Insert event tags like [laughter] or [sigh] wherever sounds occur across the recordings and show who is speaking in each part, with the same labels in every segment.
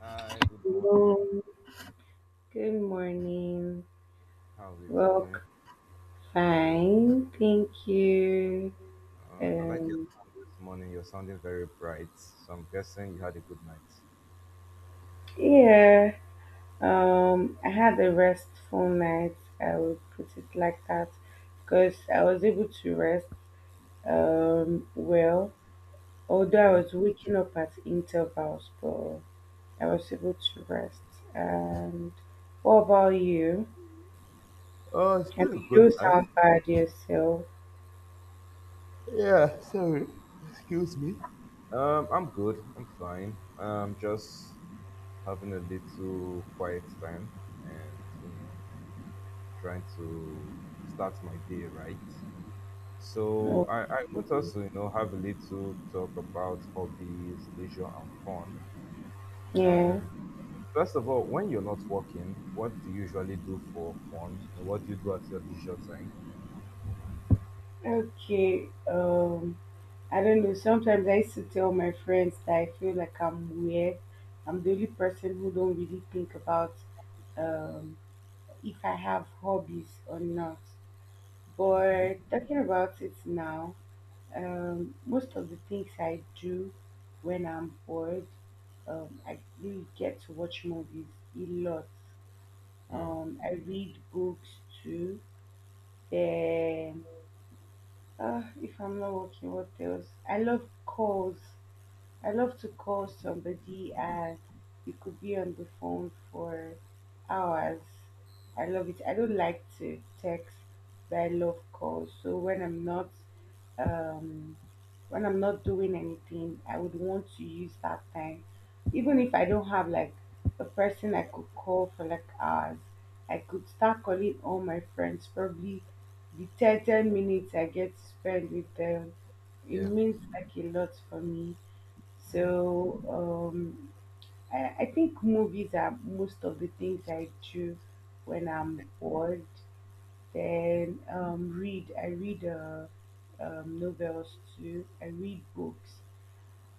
Speaker 1: Hi, good morning.
Speaker 2: Hello. Good morning.
Speaker 1: How are we
Speaker 2: Well,
Speaker 1: doing?
Speaker 2: fine. Thank you.
Speaker 1: I like your
Speaker 2: Um,
Speaker 1: tone this morning. You're sounding very bright. So I'm guessing you had a good night.
Speaker 2: yeah. I had a restful night. I would put it like that because I was able to rest. Um, well, although I
Speaker 1: Okay.
Speaker 2: was waking up at intervals, but I was able to rest. And what about you?
Speaker 1: Oh, it's
Speaker 2: I
Speaker 1: been a
Speaker 2: mean, you don't
Speaker 1: good night.
Speaker 2: sound bad yourself.
Speaker 1: Yeah, sorry. Excuse me. I'm good. I'm fine. I'm just having a little quiet time and, you know, trying to start my day right. So
Speaker 2: Oh,
Speaker 1: I want us to, you know, have a little talk about hobbies, leisure, and fun.
Speaker 2: yeah.
Speaker 1: And. First of all, when you're not working, what do you usually do for fun? You know, what do you do at your leisure time?
Speaker 2: Okay. I don't know. Sometimes I used to tell my friends that I feel like I'm weird. I'm the only person who don't really think about um, if I have hobbies or not.
Speaker 1: Okay.
Speaker 2: But talking about it now, most of the things I do when I'm bored, I really get to watch movies a lot.
Speaker 1: Mm.
Speaker 2: I read books too. Then, if I'm not working, what else? I love calls. I love to call somebody and we could be on the phone for hours. I love it. I don't like to text, but I love calls. So um when I'm not doing anything, I would want to use that time. Even if I don't have like a person I could call for like hours, I could start calling all my friends. Probably the 10 minutes I get to spend with them, it
Speaker 1: Yeah.
Speaker 2: means like a lot for me.
Speaker 1: Mm.
Speaker 2: So I think movies are most of the things I do when
Speaker 1: Okay.
Speaker 2: I'm bored. Then read. I read novels too. I read books.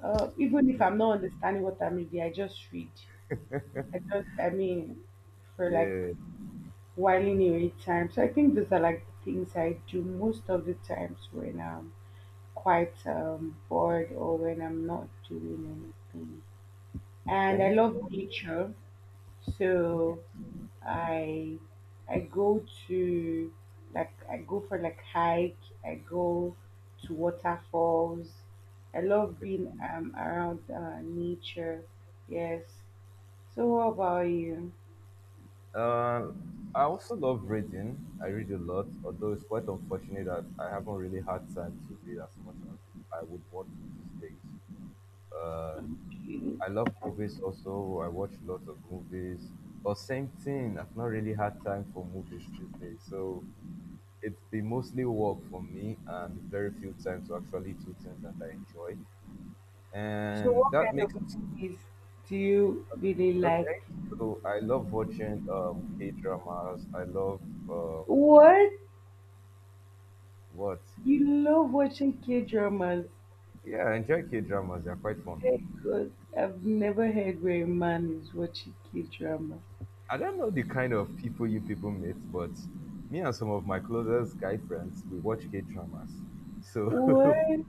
Speaker 2: Even if
Speaker 1: Mm.
Speaker 2: I'm not understanding what I'm reading, I just read. I mean, for like
Speaker 1: Yeah.
Speaker 2: whiling away time. So I think those are like the things I do most of the times when I'm quite bored or when I'm not doing anything. And I
Speaker 1: Okay.
Speaker 2: love nature.
Speaker 1: Mm.
Speaker 2: So I I go to like I go for like hike. I go to waterfalls. I love
Speaker 1: Okay.
Speaker 2: being around nature. Yes. So what about you?
Speaker 1: Uh, I also love reading. I read a lot, although it's quite unfortunate that I haven't really had time to read as much as I would want to these days. Um,
Speaker 2: Okay.
Speaker 1: I love movies also. I watch lots of movies, but same thing. I've not really had time for movies these days. So it's been mostly work for me and very few time to actually do things that I enjoy.
Speaker 2: So
Speaker 1: And
Speaker 2: what
Speaker 1: that
Speaker 2: kind
Speaker 1: makes
Speaker 2: of movies do you really like?
Speaker 1: okay. So I love watching K dramas. I love uh,
Speaker 2: What?
Speaker 1: what?
Speaker 2: You love watching K dramas?
Speaker 1: Yeah, I enjoy K dramas. They're quite fun.
Speaker 2: Very good. I've never heard where a man is watching K drama.
Speaker 1: I don't know the kind of people you people meet, but me and some of my closest guy friends we watch K dramas. So [laughs]
Speaker 2: Well,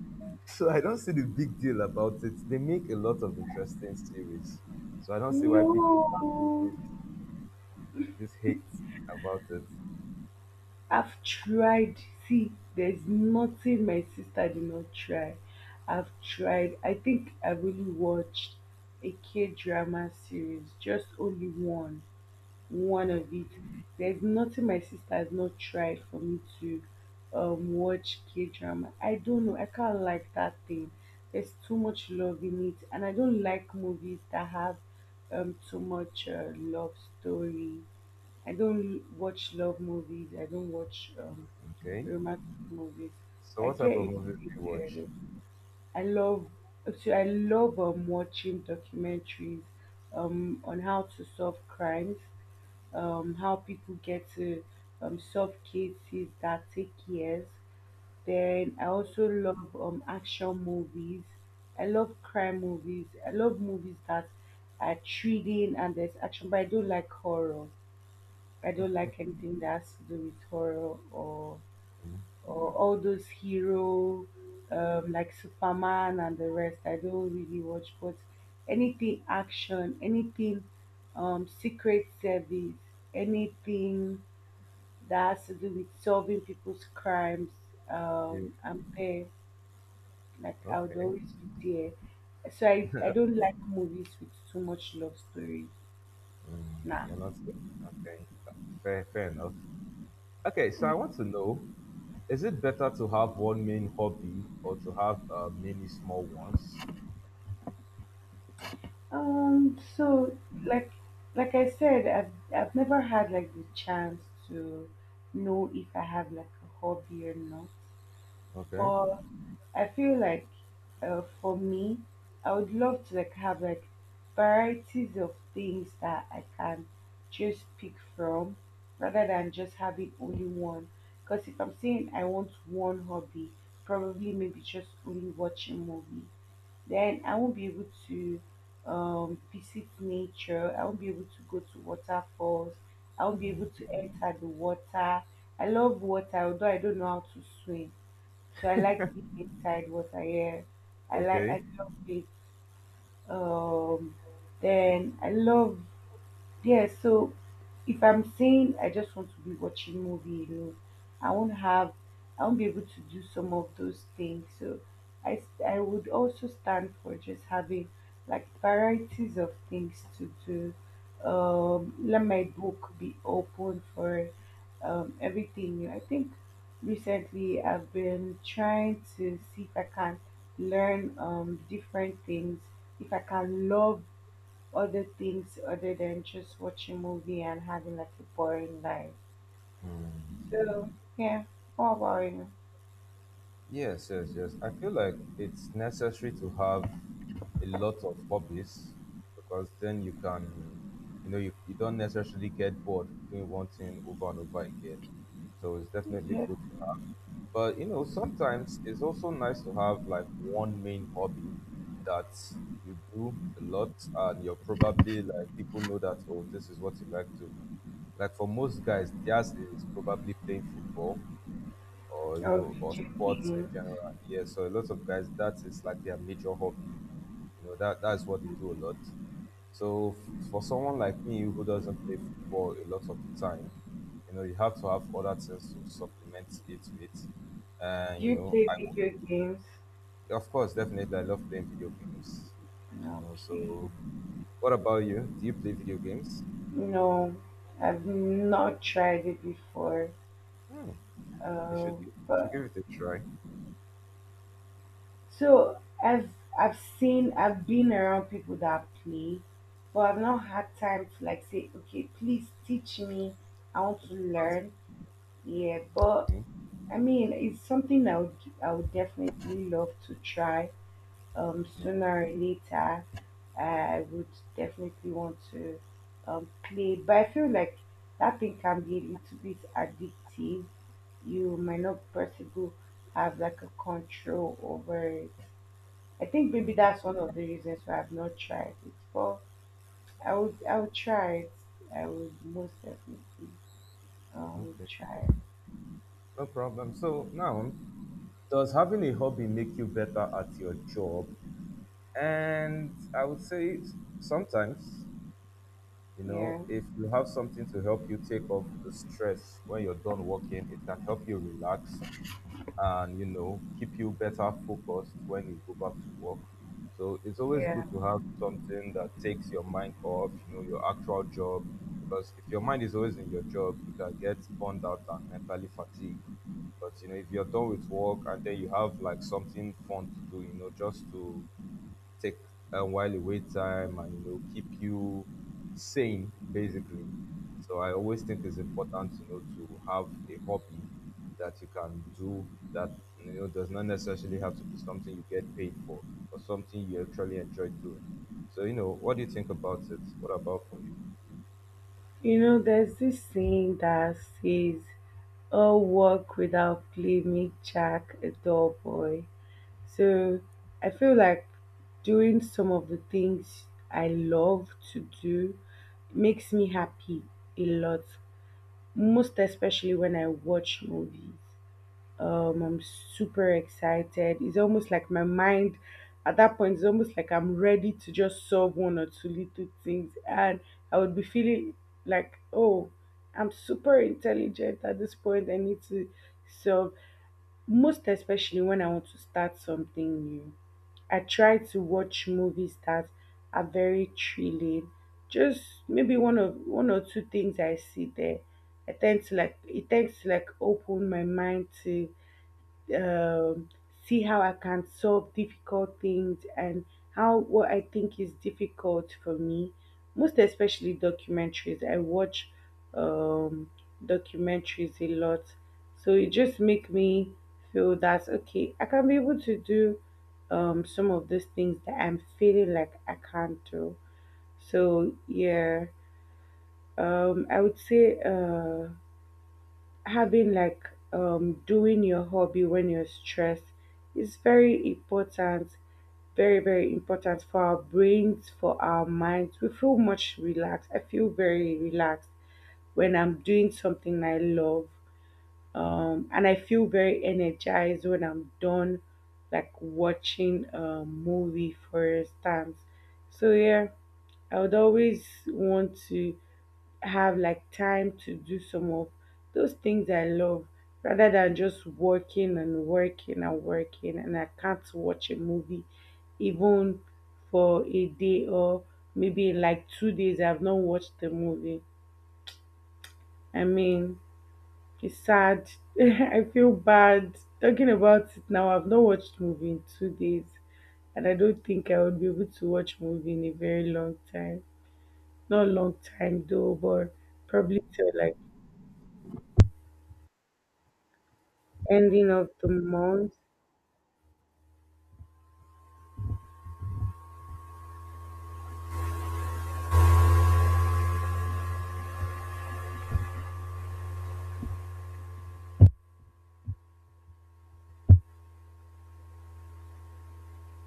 Speaker 1: so I don't see the big deal about it. They make a lot of interesting series. So I don't see why people can't do
Speaker 2: no.
Speaker 1: this hate about it.
Speaker 2: I've tried. See, there's nothing my sister did not try. I've tried. I think I really watched a K drama series, just only one. One of it. There's nothing my sister has not tried for me to watch K drama. I don't know. I can't like that thing. There's too much love in it, and I don't like movies that have too much love story. I don't watch love movies. I don't watch
Speaker 1: Okay.
Speaker 2: romantic movies.
Speaker 1: So
Speaker 2: I
Speaker 1: what type
Speaker 2: get
Speaker 1: of
Speaker 2: it.
Speaker 1: movies do you watch?
Speaker 2: I love I love watching documentaries on how to solve crimes, how people get to solve cases that take years. Then I also love action movies. I love crime movies. I love movies that are thrilling and there's action, but I don't like horror. I don't like anything that has to do with horror
Speaker 1: Mm,
Speaker 2: or all those hero like Superman and the rest. I don't really watch, but anything action, anything secret service, anything that has to do with solving people's crimes,
Speaker 1: you-
Speaker 2: I'm there. Like I would
Speaker 1: okay.
Speaker 2: always be there. So I don't like movies with too much love story.
Speaker 1: Mm,
Speaker 2: Nah.
Speaker 1: you're not okay. Fair, fair enough. Okay, so I want to know: Is it better to have one main hobby or to have many small ones?
Speaker 2: Um, so like like I said, I've never had like the chance to know if I have like a hobby or not.
Speaker 1: Okay.
Speaker 2: But I feel like for me, I would love to like have like varieties of things that I can just pick from rather than just having only one. Because if I'm saying I want one hobby, probably maybe just only watching movie, then I won't be able to visit nature. I won't be able to go to waterfalls. I won't be able
Speaker 1: Mm,
Speaker 2: to enter the water. I love water, although I don't know how to swim. So I like being inside what I hear.
Speaker 1: Okay.
Speaker 2: I love it. Um, then I love yeah, so if I'm saying I just want to be watching movie, you know, I won't have, I won't be able to do some of those things. So I would also stand for just having like varieties of things to do. Let my book be open for everything new. I think recently I've been trying to see if I can learn different things, if I can love other things other than just watching movie and having like a boring life.
Speaker 1: Mm.
Speaker 2: So yeah, how about you?
Speaker 1: Yes, yes, yes. I feel like it's necessary to have a lot of hobbies because then you know, you don't necessarily get bored doing one thing over and over again. So it's definitely
Speaker 2: Yeah.
Speaker 1: good to have. But, you know, sometimes it's also nice to have like one main hobby that you do a lot and you're probably like, people know that, oh, this is what you like doing. Like for most guys, theirs is probably playing football or you
Speaker 2: Oh,
Speaker 1: know, or
Speaker 2: video
Speaker 1: sports in general.
Speaker 2: games.
Speaker 1: Yeah, so a lot of guys, that is like their major hobby, you know, that that's what they do a lot. So for someone like me who doesn't play football a lot of the time, you know, you have to have other things to supplement it with. And
Speaker 2: Do
Speaker 1: you
Speaker 2: you
Speaker 1: know,
Speaker 2: play video games?
Speaker 1: of course, definitely, I love playing video games, you know.
Speaker 2: Okay.
Speaker 1: So what about you, do you play video games?
Speaker 2: No, I've not tried it before.
Speaker 1: Hmm,
Speaker 2: Um,
Speaker 1: you should
Speaker 2: but
Speaker 1: give it a try.
Speaker 2: so I've I've been around people that play, but I've not had time to like say, okay, please teach me. I want to
Speaker 1: That's-
Speaker 2: learn. Yeah, but
Speaker 1: okay.
Speaker 2: I mean, it's something I would definitely love to try. Sooner or later, I would definitely want to play. But I feel like that thing can be a little bit addictive. You might not possibly have like a control over it. I think maybe that's one of the reasons why I've not tried it. But I would try it. I would most definitely
Speaker 1: Okay,
Speaker 2: try
Speaker 1: no problem. So now, does having a hobby make you better at your job? And I would say sometimes, you
Speaker 2: it.
Speaker 1: know,
Speaker 2: Yeah.
Speaker 1: if you have something to help you take off the stress when you're done working, it can help you relax and you know keep you better focused when you go back to work. So it's always
Speaker 2: Yeah.
Speaker 1: good to have something that takes your mind off, you know, your actual job. Because if your mind is always in your job you can get burned out and mentally fatigued. But you know, if you're done with work and then you have like something fun to do, you know, just to take a while away time and you know keep you sane basically. So I always think it's important, you know, to have a hobby that you can do that, you know, does not necessarily have to be something you get paid for, but something you actually enjoy doing. So you know, what do you think about it? What about for you?
Speaker 2: You know, there's this saying that says, all work without play make Jack a dull boy. So I feel like doing some of the things I love to do makes me happy a lot, most especially when I watch movies. I'm super excited. It's almost like my mind at that point is almost like I'm ready to just solve one or two little things, and I would be feeling like, oh, I'm super intelligent at this point. I need to solve, most especially when I want to start something new. I try to watch movies that are very thrilling. Just maybe one or two things I see there. I tend to like it tends to like open my mind to um, see how I can solve difficult things and how what I think is difficult for me. Most especially documentaries. I watch um, documentaries a lot, so it just make me feel that okay, I can be able to do some of these things that I'm feeling like I can't do. So yeah, I would say. Having like doing your hobby when you're stressed is very important, very important for our brains, for our minds. We feel much relaxed. I feel very relaxed when I'm doing something I love, and I feel very energized when I'm done, like watching a movie for instance. So yeah, I would always want to have like time to do some of those things I love rather than just working and working and working, and I can't watch a movie even for a day or maybe like two days. I've not watched the movie. I mean, it's sad. [laughs] I feel bad talking about it now. I've not watched movie in two days, and I don't think I would be able to watch movie in a very long time. Not a long time though, but probably till like ending of the month